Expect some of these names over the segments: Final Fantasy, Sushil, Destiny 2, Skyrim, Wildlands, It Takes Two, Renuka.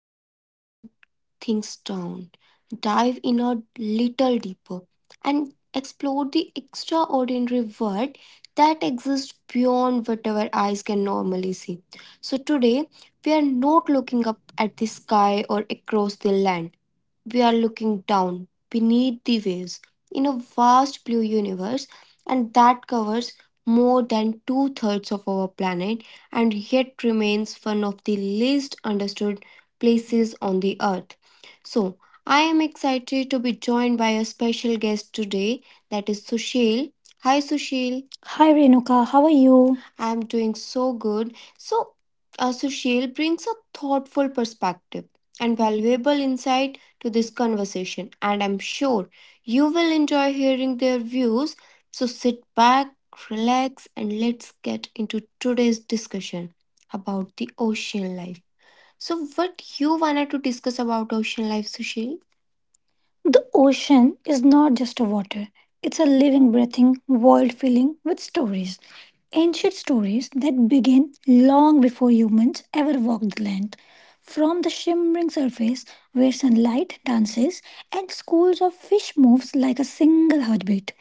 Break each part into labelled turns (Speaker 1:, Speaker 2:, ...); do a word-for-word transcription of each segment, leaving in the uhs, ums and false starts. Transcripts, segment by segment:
Speaker 1: we slow things down, dive in a little deeper, and explore the extraordinary world that exists beyond what our eyes can normally see. So, today we are not looking up at the sky or across the land, we are looking down
Speaker 2: And
Speaker 1: beneath the waves in a vast blue universe, and
Speaker 2: they are
Speaker 1: that covers more than two thirds of our planet and
Speaker 2: trying
Speaker 1: yet remains one of the least understood places on the earth. So, I am excited to be joined by a special guest today, that is Sushil. Hi, Sushil. Hi Renuka, how are you? I am doing so good. So, uh, Sushil brings a thoughtful perspective and valuable insight to this conversation, and I'm sure you will enjoy hearing their views. So, sit back, relax, and let's get into
Speaker 2: to
Speaker 1: today's discussion about the ocean life. So, what you wanted to discuss about ocean life, Sushil? The ocean is not just a water, it's a living, breathing world filling with stories. Ancient stories that began long before humans ever walked the land. From the shimmering surface where sunlight dances and schools of fish moves like a single heartbeat,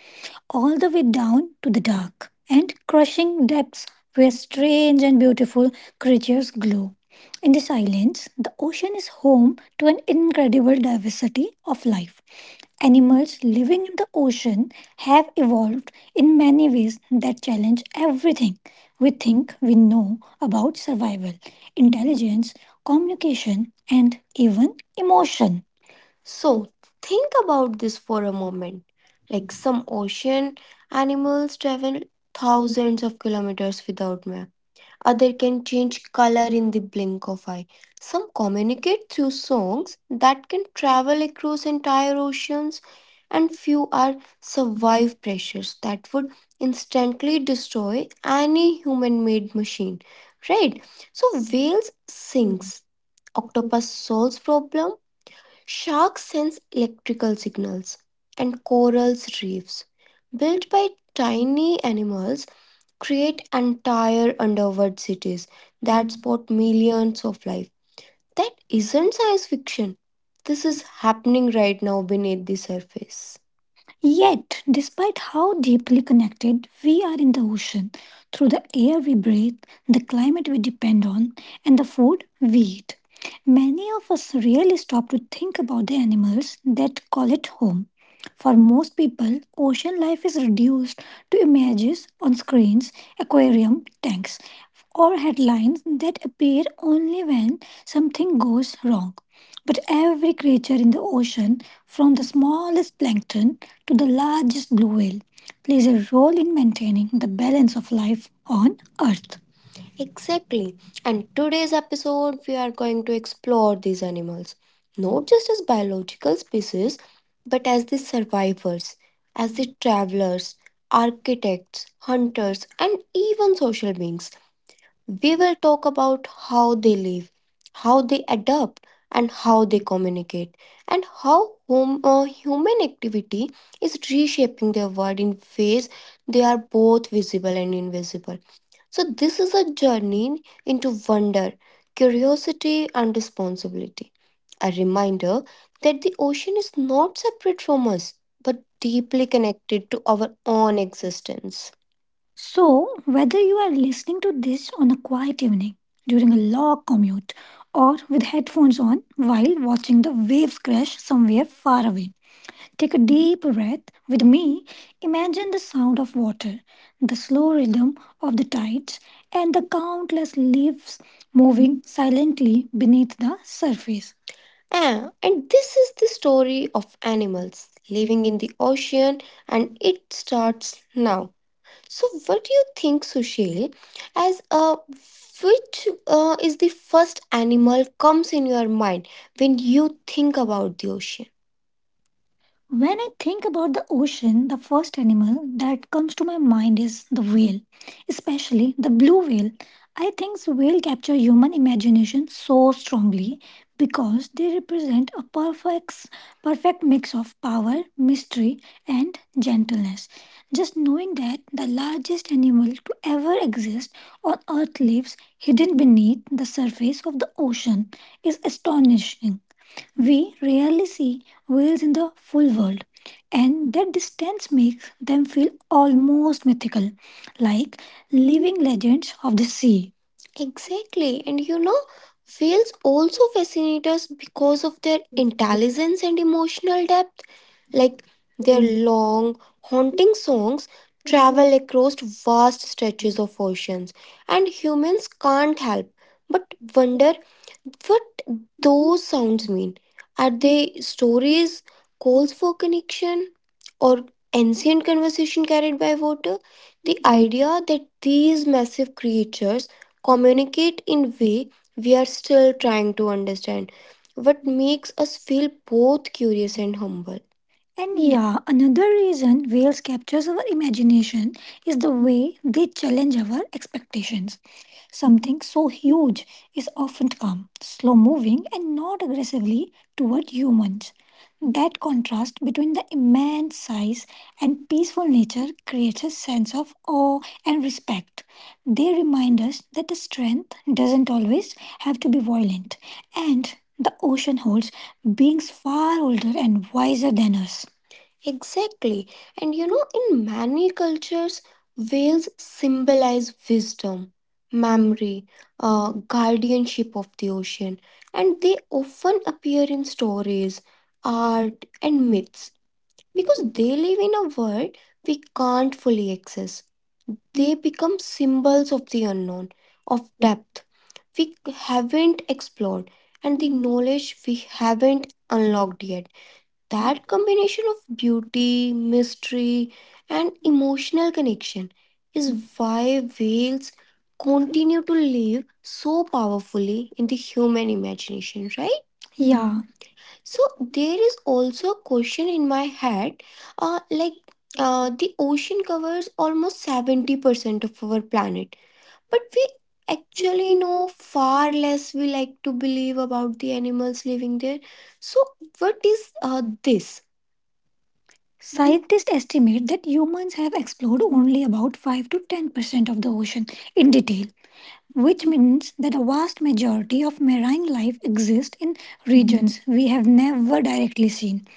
Speaker 1: all the way down to the dark and crushing depths where strange and beautiful creatures glow. In the silence, the ocean is home to an incredible diversity of life. Animals living in the ocean have evolved in many ways that challenge everything we think we know about survival, intelligence, communication, and even emotion. So, think about this for a moment. Like some ocean animals travel thousands of kilometers without map. Other can change color in the blink of eye. Some communicate through songs that can travel across entire oceans and few are survive pressures that would instantly destroy any human-made machine. Right? So whales sinks, octopus solves problem, sharks sense electrical signals, and corals reefs built by tiny animals create entire underwater cities that support millions of life. That isn't science fiction. This is happening right now beneath the surface. Yet, despite how deeply connected we are in the ocean, through the air we breathe, the climate we depend on, and the food we eat, many of us really stop to think about the animals that call it home. For most people, ocean life is reduced to images on screens, aquarium tanks, or headlines that appear only when something goes wrong. But every creature in the ocean, from the smallest plankton to the largest blue whale, plays a role in maintaining the balance of life on Earth. Exactly. And today's episode, we are going to explore these animals, not just as biological species, but as the survivors, as the travelers, architects, hunters, and even social beings. We will talk about how they live, how they adapt, and how they communicate, and how home, uh, human activity is reshaping their world in ways they are both visible and invisible. So, this is a journey into wonder, curiosity, and responsibility. A reminder that the ocean is not separate from us but deeply connected to our own existence. So, whether you are listening to this on a quiet evening, during a long commute, or with headphones on while watching the waves crash somewhere far away, take a deep breath with me. Imagine the sound of water, the slow rhythm of the tides, and the countless leaves moving silently beneath the surface. Ah, and this is the story of animals living in the ocean, and it starts now. So, what do you think, Sushil? As uh, which uh, is the first animal comes in your mind when you think about the ocean? When I think about the ocean, the first animal that comes to my mind is the whale, especially the blue whale. I think whale capture human imagination so strongly because they represent a perfect perfect mix of power, mystery and gentleness. Just knowing that the largest animal to ever exist on earth lives hidden beneath the surface of the ocean is astonishing. We rarely see whales in the full world, and that distance makes them feel almost mythical, like living legends of the sea. Exactly. And you know, whales also fascinate us because of their intelligence and emotional depth. Like their long, haunting songs travel across vast stretches of oceans, and humans can't help but wonder what those sounds mean. Are they stories, calls for connection, or ancient conversation carried by water? Idea that these massive creatures communicate in way we are still trying to understand what makes us feel both curious and humble. And yeah, another reason whales captures our imagination is the way they challenge our expectations. Something so huge is often calm, slow moving, and not aggressively toward humans. That contrast between the immense size and peaceful nature creates a sense of awe and respect. They remind us that the strength doesn't always have to be violent, and the ocean holds beings far older and wiser than us. Exactly. And you know, in many cultures, whales symbolize wisdom, memory, uh, guardianship of the ocean, and they often appear in stories, art, and myths because they live in a world we can't fully access. They become symbols of the unknown, of haven't explored, and the knowledge we haven't unlocked yet, a combination of beauty, mystery, and emotional connection is why whales continue to live so powerfully in the human imagination, right? So there is also a question in my head, uh, like uh, the ocean covers almost seventy percent of our planet, but we actually know far less we like to believe about the animals living there. So what is uh, this? Scientists estimate that humans have explored only about five to ten percent of the ocean in detail, which means that a vast majority of marine life exists in regions we have never directly seen.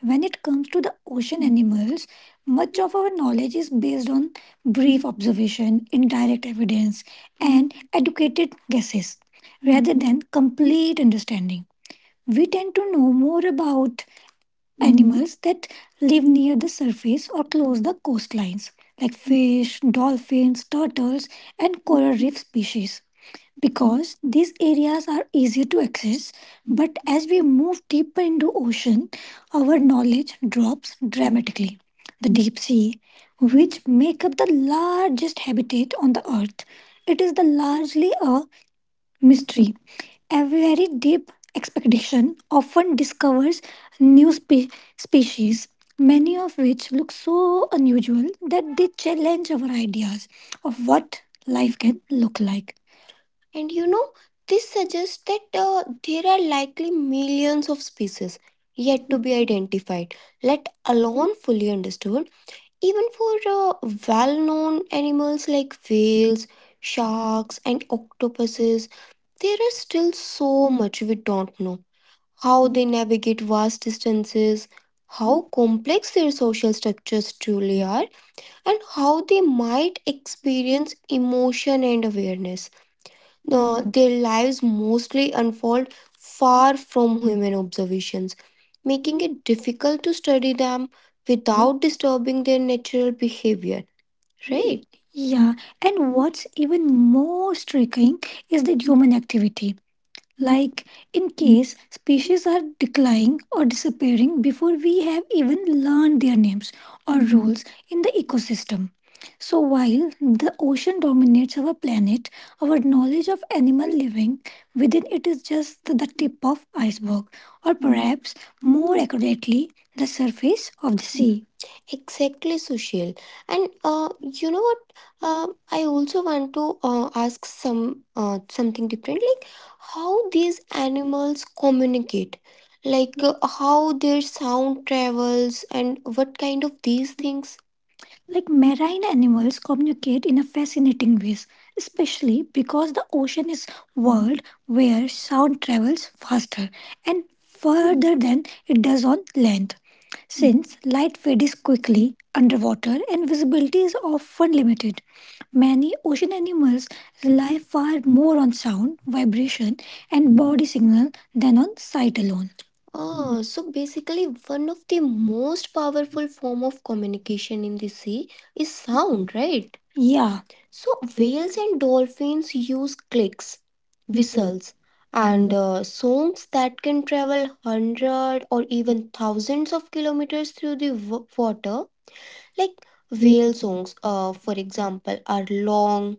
Speaker 1: When it comes to the ocean animals, much of our knowledge is based on brief observation, indirect evidence, and educated guesses rather than complete understanding. We tend to know more about animals that live near the surface or close the coastlines, like fish, dolphins, turtles, and coral reef species, because these areas are easier to access. But as we move deeper into ocean, our knowledge drops dramatically. The deep sea, which make up the largest habitat on the earth, it is the largely a mystery. A very deep expedition often discovers spe- species many of which look so unusual that they challenge our ideas of what life can look like. And you, this suggests that uh, there are likely millions of species yet to be identified, let alone fully understood. Even for uh, well known animals like whales, sharks, and octopuses, there is still so much we don't know. How they navigate vast distances, how complex their social structures truly are, and how they might experience emotion and awareness. Uh, their lives mostly unfold far from human observations, making it difficult to study them without disturbing their natural behavior. Yeah, and what's even more striking is that human activity, like in case species are declining or disappearing before we have even learned their names or roles in the ecosystem. So, while the ocean dominates our planet, our knowledge of animal living within it is just the tip of iceberg, or perhaps more accurately, the surface of the sea. Exactly, Sushil. And uh, you know what? Uh, I also want to uh, ask some uh, something differently, how these animals communicate, like uh, how their sound travels and what kind of these things. Marine animals communicate in a fascinating ways, especially because the ocean is vast, where sound travels faster and further than it does on land. Light fades quickly underwater and visibility is often limited. Many ocean animals rely far more on sound, vibration, and body signal than on sight alone. Ah, so basically, one of the most powerful form of communication in the sea is sound, right? Yeah. So whales and dolphins use clicks and uh, songs that can travel hundred or even thousands of kilometers through the w- water, like uh, for example, are long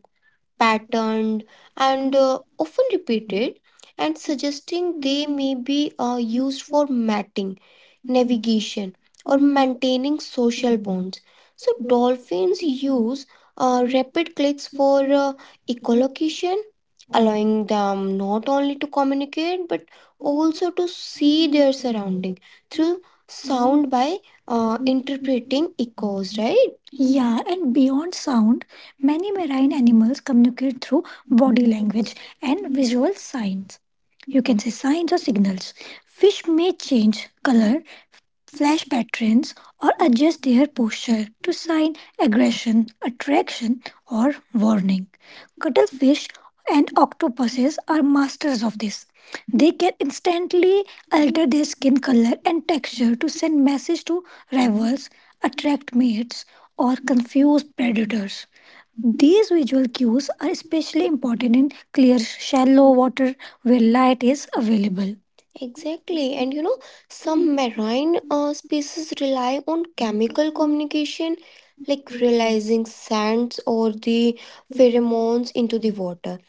Speaker 1: patterned, and uh, often repeated, and suggesting they may be uh, used for mating, navigation, or maintaining social bonds. So, dolphins use uh, rapid clicks for uh, echolocation, allowing them not only to communicate but also to see their surrounding through sound by uh, interpreting echoes, right? Yeah, and beyond sound, many marine animals communicate through body language and visual signs. You can say signs or signals. Fish may change color, flash patterns, or adjust their posture to sign aggression, attraction, or warning. Cuttlefish and octopuses are masters of this. They can instantly alter their skin color and texture to send message to rivals, attract mates, or confuse predators. These visual cues are especially important in clear, shallow water where light is available. Exactly, and you know, some marine uh, species rely on chemical communication, like realizing scents or the pheromones into the water.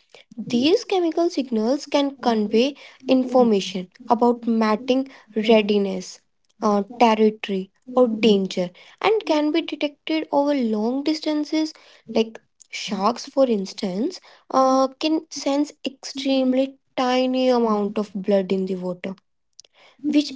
Speaker 1: These chemical signals can convey information about mating readiness, uh, territory, or danger, and can be detected over long distances. Like sharks, for instance, uh, can sense extremely tiny amount of blood in the water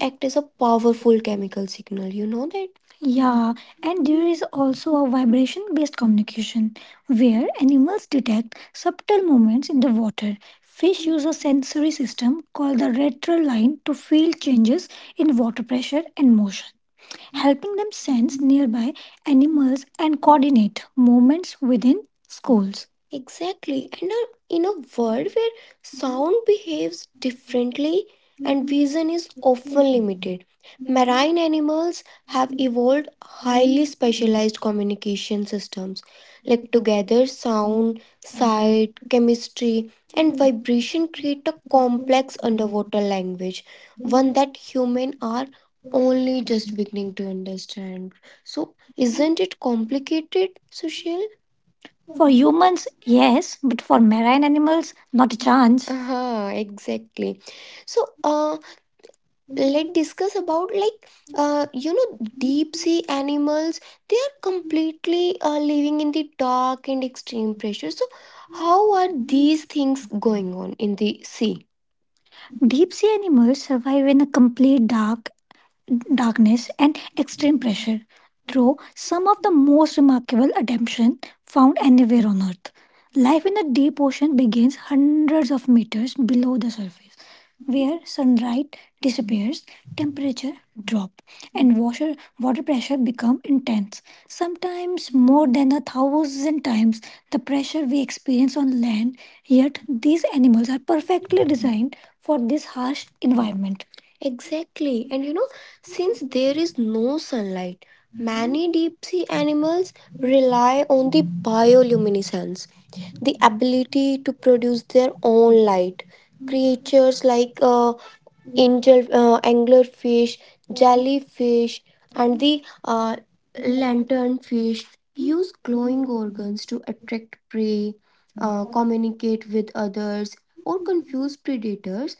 Speaker 1: act as a powerful chemical signal. You know that? Yeah, and there is also a vibration based communication where animals detect subtle movements in the water. Fish use a sensory system called the retral line to feel changes in water pressure and motion, helping them sense nearby animals and coordinate movements within schools. Exactly. And uh, in a world where sound behaves differently, vision is often limited. Marine animals have evolved highly specialized communication systems, like together sound,
Speaker 2: find.
Speaker 1: sight, chemistry, and vibration create a complex underwater language, one that humans are only just beginning to understand. So, isn't it complicated, Sushil? For humans, yes, but for marine animals, not a chance. Uh-huh, exactly. So, uh, let's discuss about like uh, you know deep sea animals they are completely uh, living in the dark and extreme pressure, so how are these things going on in the sea? Deep sea animals survive in a complete dark darkness and extreme pressure, through some of the most remarkable adaptation found anywhere on Earth. Life in the deep ocean begins hundreds of meters below the surface, where sunlight disappears, temperature drop, and washer, water pressure become intense, sometimes more than a thousand times the pressure we experience on land. Yet these animals are perfectly designed for this harsh environment. Exactly. And you know, since there is no sunlight, many deep sea animals rely on the bioluminescence, the ability to produce their own light. Creatures like uh, angel uh, anglerfish,
Speaker 2: Thank
Speaker 1: jellyfish, and the uh, lanternfish use glowing organs to attract prey, uh, communicate with others, or confuse predators.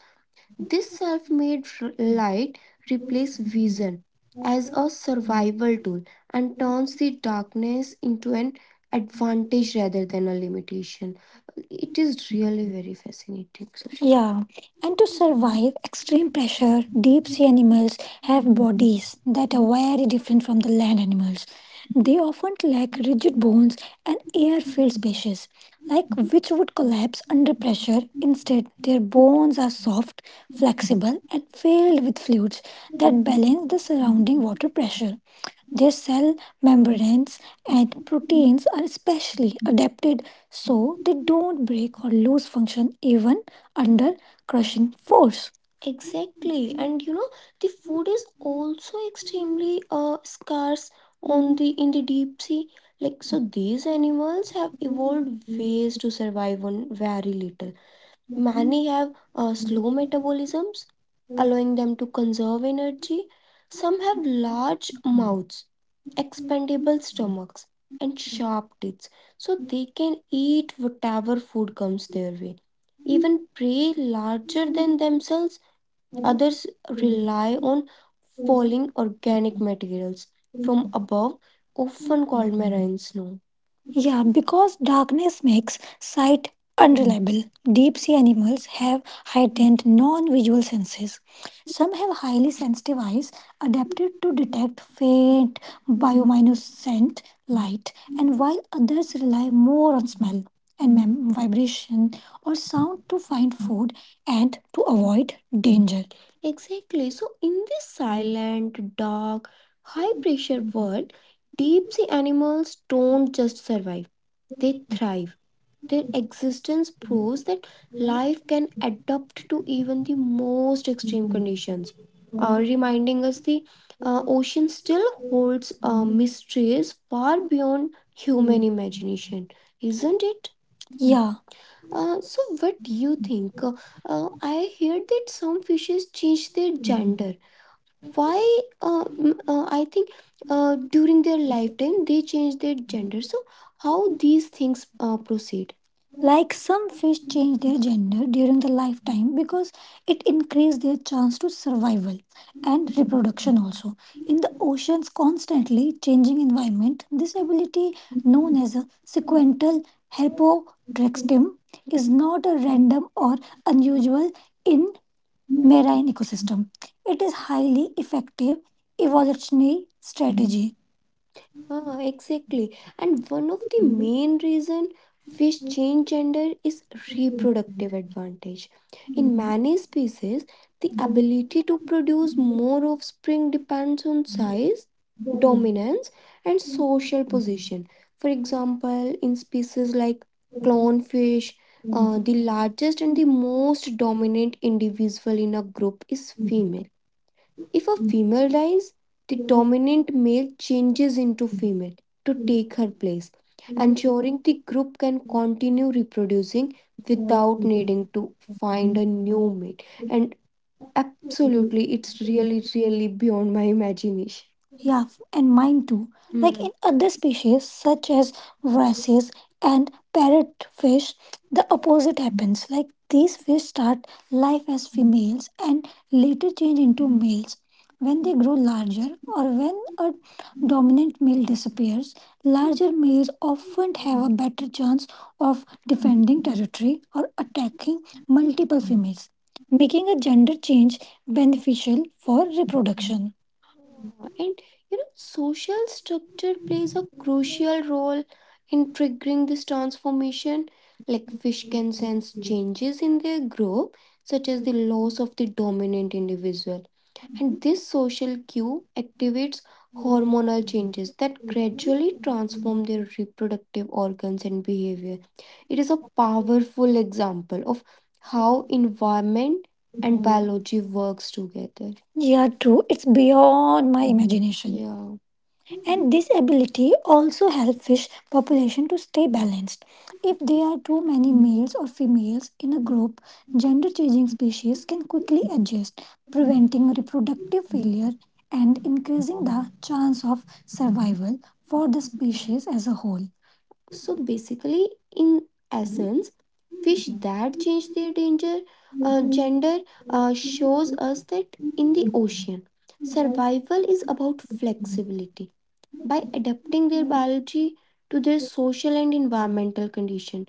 Speaker 1: This self made light replaces vision as a survival tool and turns the darkness into an advantage rather than a limitation. It is really very fascinating, Sushant. Yeah, and to survive extreme pressure, deep sea animals have bodies that are very different from the land animals. They often lack rigid bones and air filled spaces, like which would collapse under pressure. Instead, their bones are soft, flexible, and filled with fluids that balance the surrounding water pressure. Their cell membranes and proteins are specially adapted so they don't break or lose function even under crushing force. Exactly, and you know the food is also extremely uh, scarce on the in the deep sea. Like so, these animals have evolved to survive on very little. Many have uh, slow metabolisms, allowing them to conserve energy. Some have large mouths, expandable stomachs, and sharp teeth, so they can eat whatever food comes their way. Even prey larger than themselves rely on falling organic materials from above, often called snow. Yeah, because darkness makes sight unreliable. Deep sea animals have heightened non visual senses. Some have highly sensitive eyes adapted to detect faint bioluminescent light, and while others rely more on smell and mem- vibration or sound to find food and to avoid danger. Exactly. So, in this silent, dark, high pressure world, deep sea animals don't just survive, they thrive. Their existence proves that life can adapt to even the most extreme conditions, uh, reminding us the uh, ocean still holds uh, mysteries far beyond human imagination, isn't it? Yeah. Uh, so what do you think? Uh, uh, I heard that some fishes change their gender. Why? Uh, mm, uh, I think uh, during their lifetime they change their gender, how these things uh, proceed. Like some fish change their gender during the lifetime because it increased their chance to survival and reproduction also. In the ocean's constantly changing environment, this ability known as a sequential herpodrex is not a random or unusual in marine ecosystem. It is highly effective evolutionary strategy. Ah, exactly. And one of the main reason fish change gender is reproadvantage. In many species, the ability to produce more offspring depends on size, dominance, and social position. For example, in species like clownfish, uh, the largest and the most dominant individual in a group is fe- if a female dies, the dominant male changes into to take her place, ensuring the group can continue reproducing without to find a new mate. And absolutely, it's really, really beyond my imagination. Yeah, f- and mine too. Like in other species, such as wrasses and parrotfish, the opposite happens. Like these fish start life as females and later change into males. When they grow larger, or when a dominant male disappears, larger males often have a better chance of defending territory or attacking multiple females, making a gender change beneficial for reproduction. And you know, social structure plays a crucial role in triggering this transformation. Like fish can sense changes in their group, such as the loss of the dominant individual. And this social cue activates hormonal changes that gradually transform their reproductive organs and behavior. It is a powerful example of how environment and biology works together. Yeah, true. It's beyond my imagination. Yeah. And this ability also help fish population to stay balanced. If there are too many males or females in a group, gender changing species can quickly adapt, preventing reproductive and increasing the chance of survival for the species as a whole. So basically, in essence, fish that change their danger gender uh, shows us that in the survival is about food. By adapting their biology to their social and environmental condition,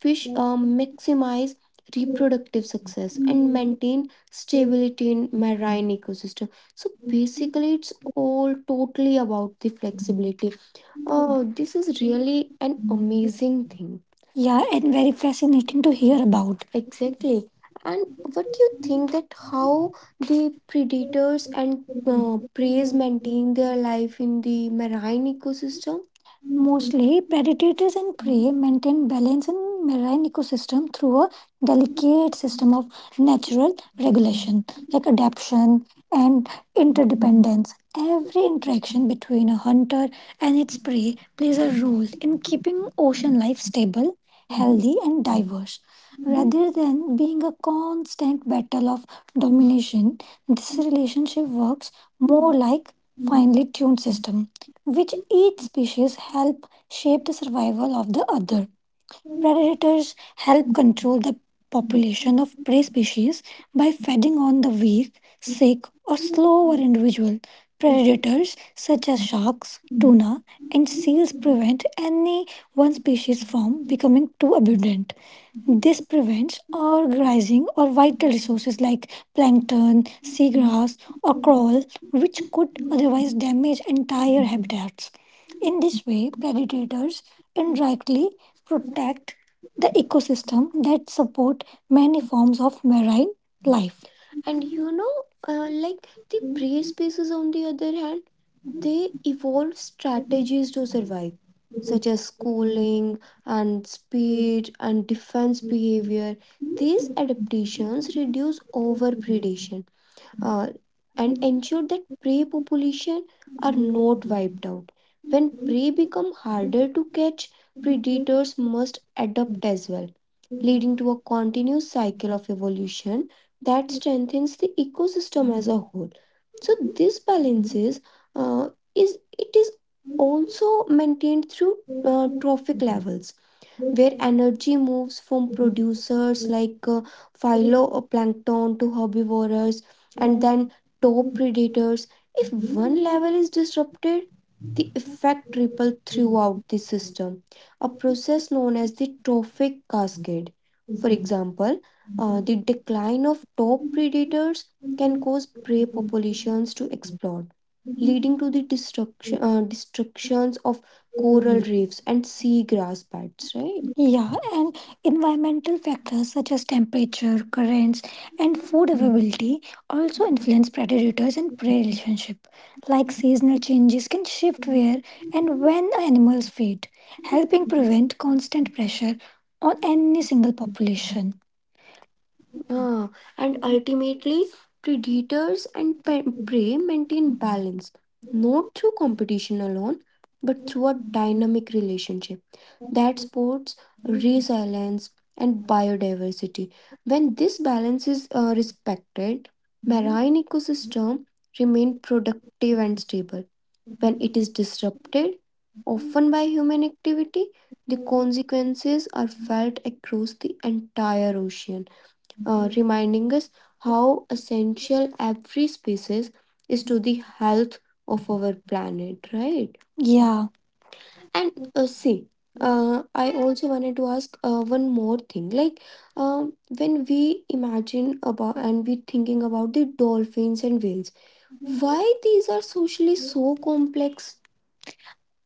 Speaker 1: fish uh, maximize reproductive success, maintain stability in marine ecosystem. So basically, it's all totally about the flex. Oh, this is really an amazing thing. Yeah, and very fascinating to hear about. Exactly. And what do you think that how the predators and uh, preys maintain their life in the marine ecosystem? Mostly, predators and prey maintain balance in marine ecosystem through a delicate system of natural regulation, like adaptation and interdependence. Every interaction between a hunter and its prey plays a role in keeping ocean life stable, healthy, and diverse. Rather than being a constant battle of domination, this relationship works more like finely tuned system, which each species help shape the survival of the other. Predators help control the population of prey species by feeding on the weak, sick, or slower individual. Predators such as sharks, tuna, and prevent any one species from becoming too abundant. This prevents overgrazing or vital resources like plankton, seagrass, or coral, which could otherwise damage entire habitats. In this way, predators indirectly protect the ecosystem that support many forms of marine life. You know, uh, like the Places, on the other hand, they evolve strategies to survive. Schooling and speed and defense behavior missions reduce over and ensure that prey population are not wiped. When prey become harder to catch, predators must adapt as well, leading to a continuous cycle of evolution that strengthens the ecosystem as a whole. So this balance uh, is it is also maintained through uh, trophic levels, where energy moves from producers like uh, phytoplankton to herbivores and then top predators. If one level is disrupted, the effect ripples throughout the system, a process known as the trophic cascade. For example, uh, the decline of top predators can cause prey populations to explode, leading to the destruction, uh, destructions of coral reefs, and seagrass beds, right? Yeah, and environmental factors such as temperature, currents, and food availability also influence predators and prey relationship. Like seasonal changes can shift where and when animals feed, helping prevent constant pressure on any single population. Ah, and ultimately, predators and pe- prey maintain balance, not through competition alone, but through a dynamic relationship that supports resilience and biodiversity. When this balance is uh, respected, marine ecosystem remain productive and stable. When it is disrupted, often by human activity, the consequences are felt across the entire ocean, uh, reminding us how essential every species is to the health of our planet, right? Yeah. And uh, see, uh, I also wanted to ask uh, one more thing. Like, um, when we imagine about and we thinking about the dolphins and whales, why these are socially so complex?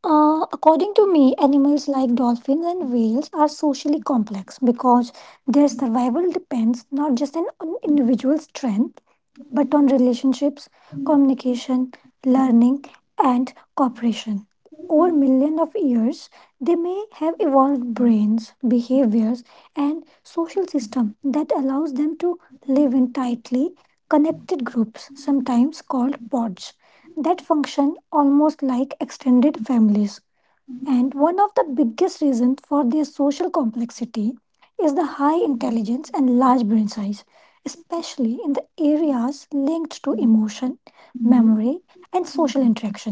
Speaker 1: Uh, according to me, animals like dolphins and whales are socially complex because their survival depends not just on on individual strength but on relationships, communication, learning, and cooperation. Over millions of years, they may have evolved brains, behaviors, and social system that allows them to live in tightly connected groups, sometimes called pods, that function almost like extended families. And one of the biggest reasons for their social complexity is the high intelligence and large brain size, especially in the areas linked to emotion, memory, and social interaction.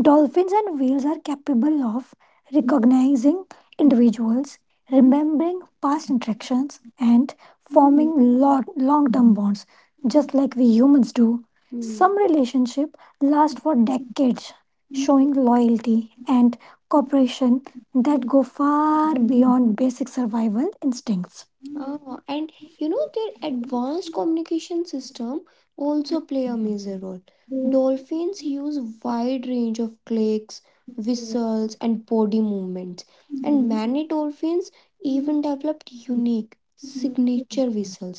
Speaker 1: Dolphins and whales are capable of recognizing individuals, remembering past interactions, and forming long term bonds. Just like we humans do. Hmm. Some relationships last for decades, showing loyalty and cooperation that go far beyond basic survival instincts. and you know their advanced communication system also play a major role. Dolphins use wide range of clicks, whistles and body movements, and many dolphins even developed unique signature whistles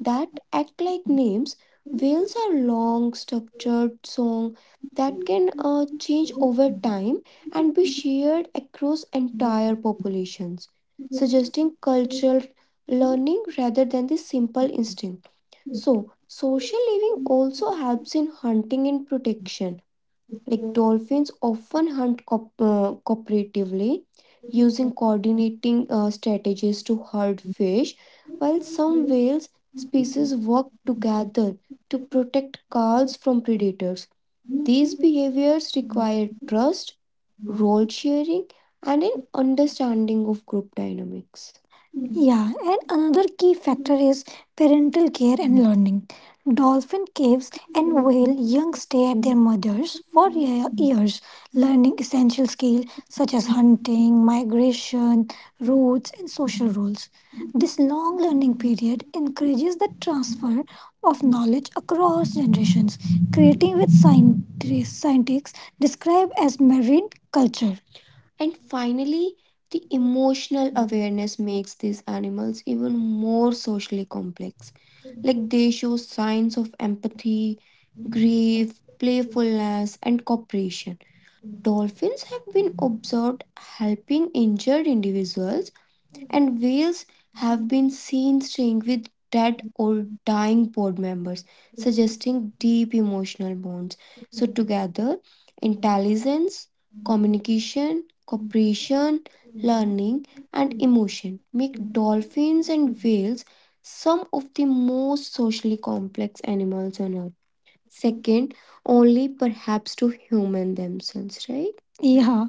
Speaker 1: that act like names. Whales are long, structured song that can uh, change over time and be shared across entire populations, suggesting cultural learning rather than the simple instinct. So, social living also helps in hunting and protection. Like dolphins often hunt co- uh, cooperatively, using coordinating uh, strategies to herd fish, while some whales work together to protect calls from predators. These behaviors require trust, role sharing, and an understanding of group dynamics. Yeah, and another key factor is parental care and learning. Dolphin caves and whale young stay at their mothers for ye- years, learning essential skills such as hunting, migration, routes, and social roles. This long learning period encourages the transfer of knowledge across scientists describe as marine culture. And finally, the emotional awareness makes these animals even more socially complex. Like they show signs of empathy, grief, playfulness, and cooperation. Dolphins have been observed helping injured individuals, and whales have been seen staying with dead or dying board members, suggesting deep emotional bonds together intelligence, communication, cooperation, learning, and emotion make dolphins and whales some of the most socially complex animals on earth. Second, only perhaps to human themselves, right? Yeah.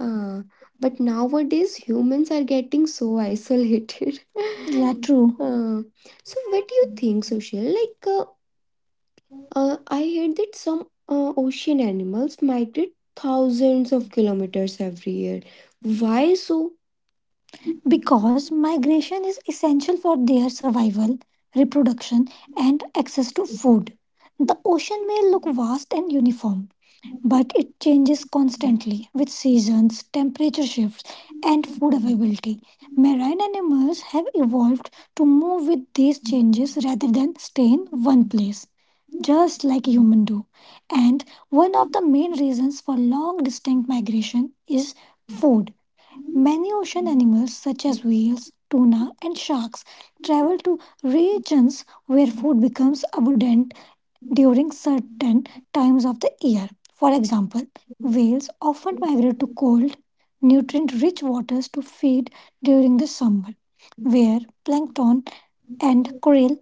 Speaker 1: Ah, but nowadays humans are getting so isolated. Yeah, true. Uh, so what do you think, Social? Like, uh, uh, I heard that some uh, ocean animals migrate thousands of kilometers every year. Why so? Because migration is essential for their survival, reproduction, and access to food. The ocean may look vast and uniform, but it changes constantly with seasons, temperature shifts, and food availability. Marine animals have evolved to move with these changes rather than stay in one place, just like humans do. And one of the main reasons for long distinct migration is food. Many ocean animals, such as whales, tuna, and sharks, travel to regions where food becomes abundant during certain times of the year. For example, whales often migrate to cold, nutrient rich waters to feed during the summer, where plankton and krill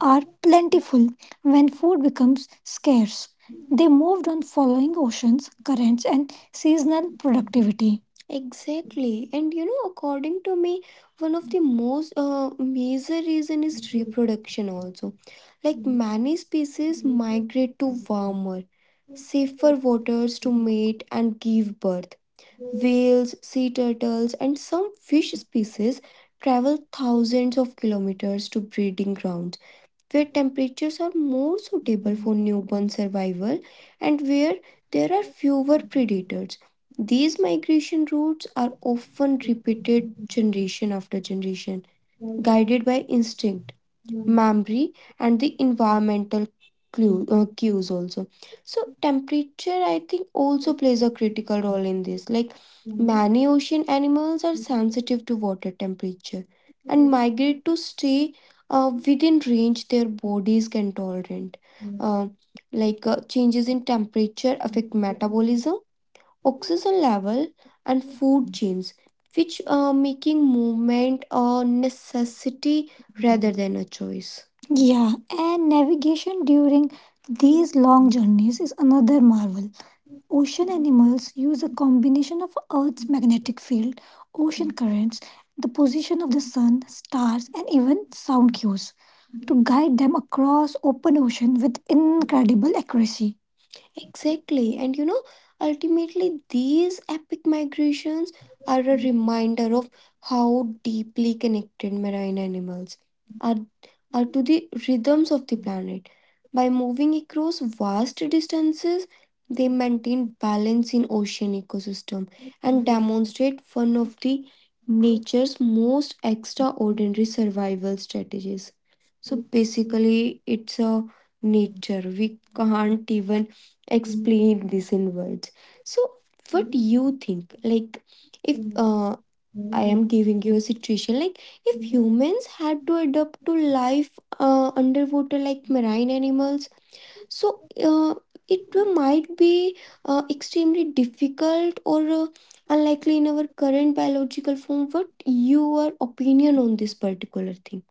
Speaker 1: are plentiful when food becomes scarce. They moved on following oceans, currents, and seasonal productivity. Exactly. And you know, according to me, one of the most uh, major reason is reproduction also. Like many species migrate to warmer, safer waters to mate and give birth. Whales, sea turtles, and some fish species travel thousands of kilometers to breeding grounds where temperatures are more suitable for newborn survival and where there are fewer predators. These migration routes are often repeated generation after generation, guided by instinct, memory, and the environmental clue, uh, cues also. So temperature I think also plays a critical role in this. Like many ocean animals are sensitive to water temperature and migrate to stay uh, within range their bodies can tolerate. uh, like uh, Changes in temperature affect metabolism, oxygen level, and food chains, which are making movement a necessity rather than a choice. Yeah, and navigation during these long journeys is another marvel. Ocean animals use a combination of Earth's magnetic field, ocean currents, the position of the sun, stars, and even sound cues to guide them across open ocean with incredible accuracy. Exactly. And you know, ultimately, these epic migrations are a reminder of how deeply connected marine animals are, are to the rhythms of the planet. By moving across vast distances, they maintain balance in ocean ecosystem and demonstrate one of the nature's most extraordinary survival strategies. So basically, it's a nature we can't even explain this in words. So what do you think, like, if uh, I am giving you a situation, like, if humans had to adapt to life uh, underwater like marine animals, so uh, it might be uh, extremely difficult or uh, unlikely in our current biological form. What your opinion on this particular thing?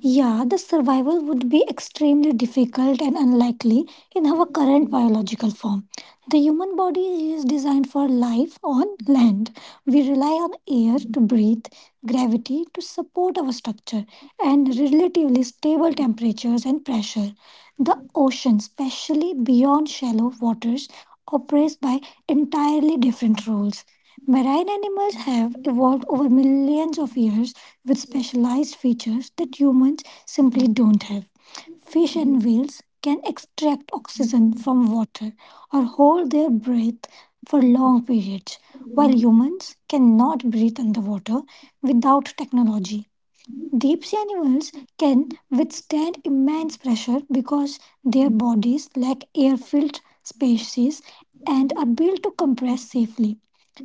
Speaker 1: Yeah, the survival would be extremely difficult and unlikely in our current biological form. The human body is designed for life on land. We rely on air to breathe, gravity to support our structure, and relatively stable temperatures and pressure. The ocean, especially beyond shallow waters, operates by entirely different rules. Marine animals have evolved over millions of years with specialized features that humans simply don't have. Fish and whales can extract oxygen from water or hold their breath for long periods, while humans cannot breathe underwater without technology. Deep sea animals can withstand immense pressure because their bodies lack air filled spaces and are built to compress safely.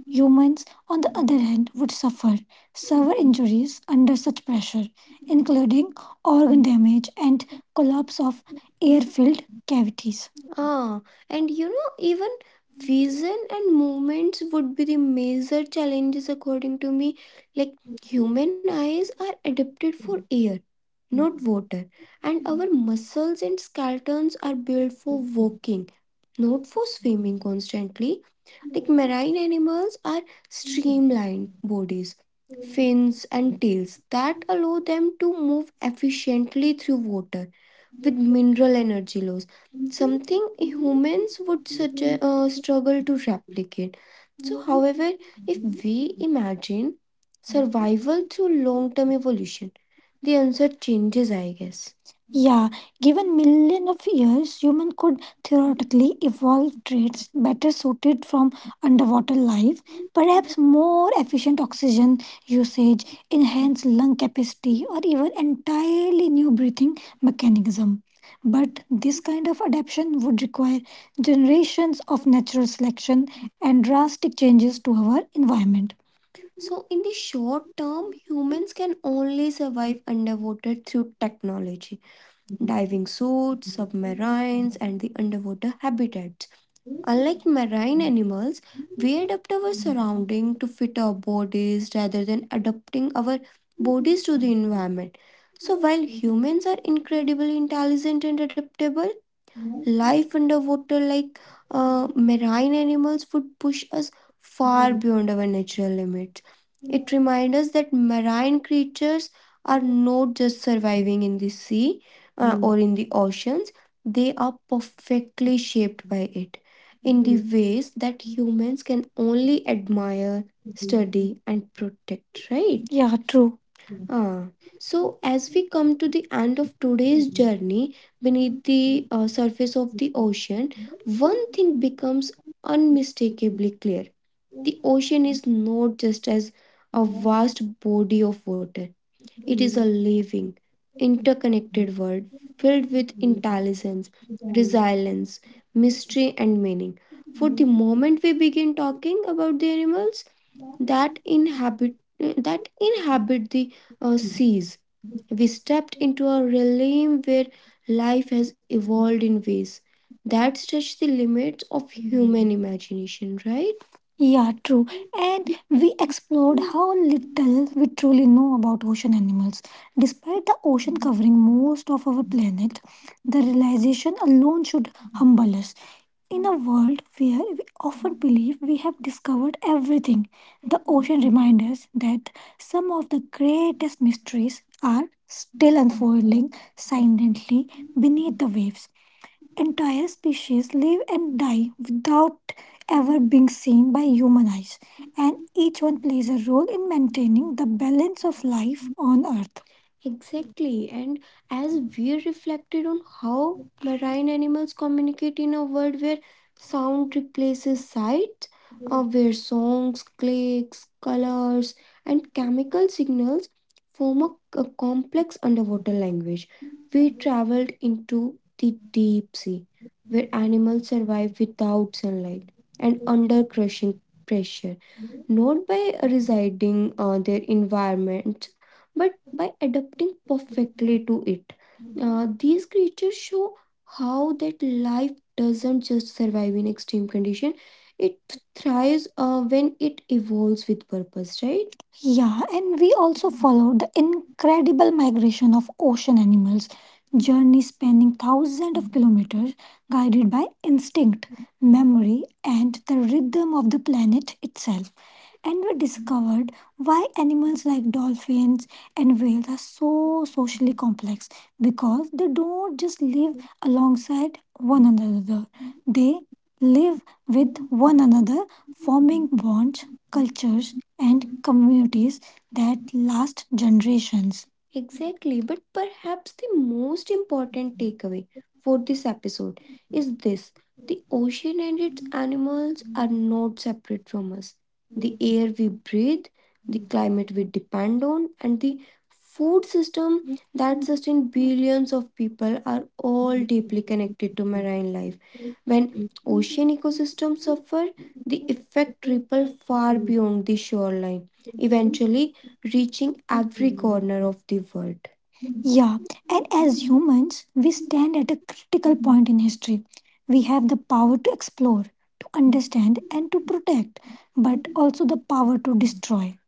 Speaker 1: Humans, on the other hand, would suffer severe injuries under such pressure, including organ damage and collapse of air filled cavities. Ah, and you know, even vision and movements would be the major challenges according to me. Like human eyes are adapted for air, not water, and our muscles and skeletons are built for work, not for swimming constantly. Like marine animals are streamlined bodies, fins, and tails that allow them to move efficiently through water with mineral energy loss, something humans would such uh, struggle to replicate. So, however, if we imagine survival through long term evolution, the answer changes, I guess. Yeah, given million of years, human could theoretically evolve traits better suited from underwater life, perhaps more efficient oxygen usage, enhanced lung capacity, or even entirely new breathing mechanism. But this kind of adaptation would require generations of natural selection and drastic changes to our environment. So, in the short term, humans can only survive underwater through technology, diving suits, submarines, and the underwater habitats. Unlike marine animals, we adapt our surrounding to fit our bodies rather than adapting our bodies to the environment. So, while humans are incredibly intelligent and adaptable, life underwater, like uh, marine animals, would push us far beyond our natural limits. It reminds us that marine creatures are not just surviving in the sea uh, or in the oceans, they are perfectly shaped by it in the ways that humans can only admire, study, protect, right? Yeah, true. Ah. So, as we come to the end of today's journey beneath the uh, surface of the ocean, one thing becomes unmistakably clear. The ocean is not just as a vast body of water, it is a living, interconnected world filled with intelligence, resilience, mystery, and meaning. For the moment we begin talking about the animals that inhabit that inhabit the uh, seas, we stepped into a realm where life has evolved in ways that stretch the limits of human imagination, right? Yeah, true. And we explored how little we truly know about ocean animals. Despite the ocean covering most of our planet, the realization alone should humble us. In a world where we often believe we have discovered everything, the ocean reminds us that some of the greatest mysteries are still unfolding silently beneath the waves. Entire species live and die without ever being seen by human eyes, and each one plays a role in maintaining the balance of life on Earth. Exactly, and as we reflected on how marine animals communicate in a world where sound replaces sight, uh, where songs, clicks, colors, and chemical signals form a, a complex underwater language. We traveled into the deep sea, where animals survive without sunlight and under crushing pressure, not by residing uh, their environment, but by adapting perfectly to it. Uh, these creatures show how that life doesn't just survive in extreme condition; it thrives uh, when it evolves with purpose. Right? Yeah, and we also followed the incredible migration of ocean animals, journey spanning thousands of kilometers, guided by instinct, memory, and the rhythm of the planet itself. And we discovered why animals like dolphins and whales are so socially complex because they don't just live alongside one another, they live with one another, forming bonds, cultures, and communities that last generations. Exactly, but perhaps the most important takeaway for this episode is this: the ocean and its animals are not separate from us. The air we breathe, the climate we depend on, and the food system that billions of people are all deeply connected to marine life. When ocean ecosystems suffer, the effect ripple far beyond the shoreline, eventually reaching every corner of the world. Yeah, and as humans, we stand at a critical point in history. We have the power to explore, to understand, and to protect, but also the power to destroy.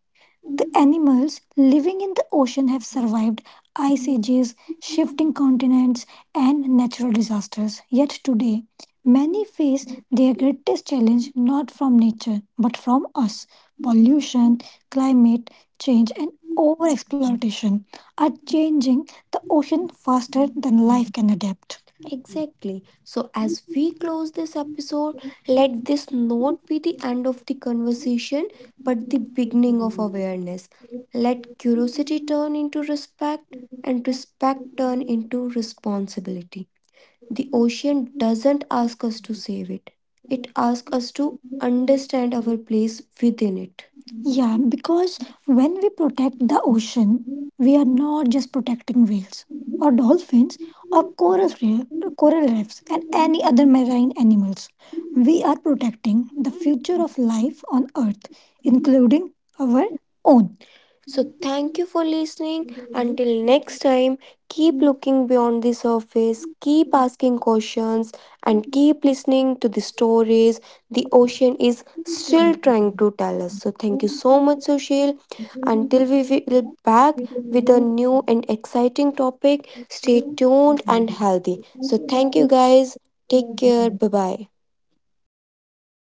Speaker 1: The animals living in the ocean have survived ice ages, shifting continents, and natural disasters. Yet today, many face their greatest challenge not from nature but from us. Pollution, climate change, and overexploitation are changing the ocean faster than life can adapt. Exactly. So, as we close this episode, let this not be the end of the conversation, but the beginning of, let curiosity turn into respect and respect turn
Speaker 2: you.
Speaker 1: into responsibility. The ocean doesn't ask us to save it, it
Speaker 2: We
Speaker 1: asks
Speaker 2: can
Speaker 1: us to
Speaker 2: move
Speaker 1: understand
Speaker 2: through.
Speaker 1: our place within it. Yeah, because when we protect the ocean, we are not just protecting whales or dolphins or coral, re- coral reefs and any other marine animals. We are protecting the future of life on Earth, including our own. So, thank you for listening. Until next time, keep looking beyond the surface, keep asking questions, and keep listening to the stories the ocean is still trying to tell us. So, thank you so much, Sushil. Until we'll be back with a new and exciting topic, stay tuned and healthy. So,
Speaker 2: It's not
Speaker 1: thank you
Speaker 2: about,
Speaker 1: guys. Take care.
Speaker 2: uh,
Speaker 1: Bye
Speaker 2: the
Speaker 1: bye.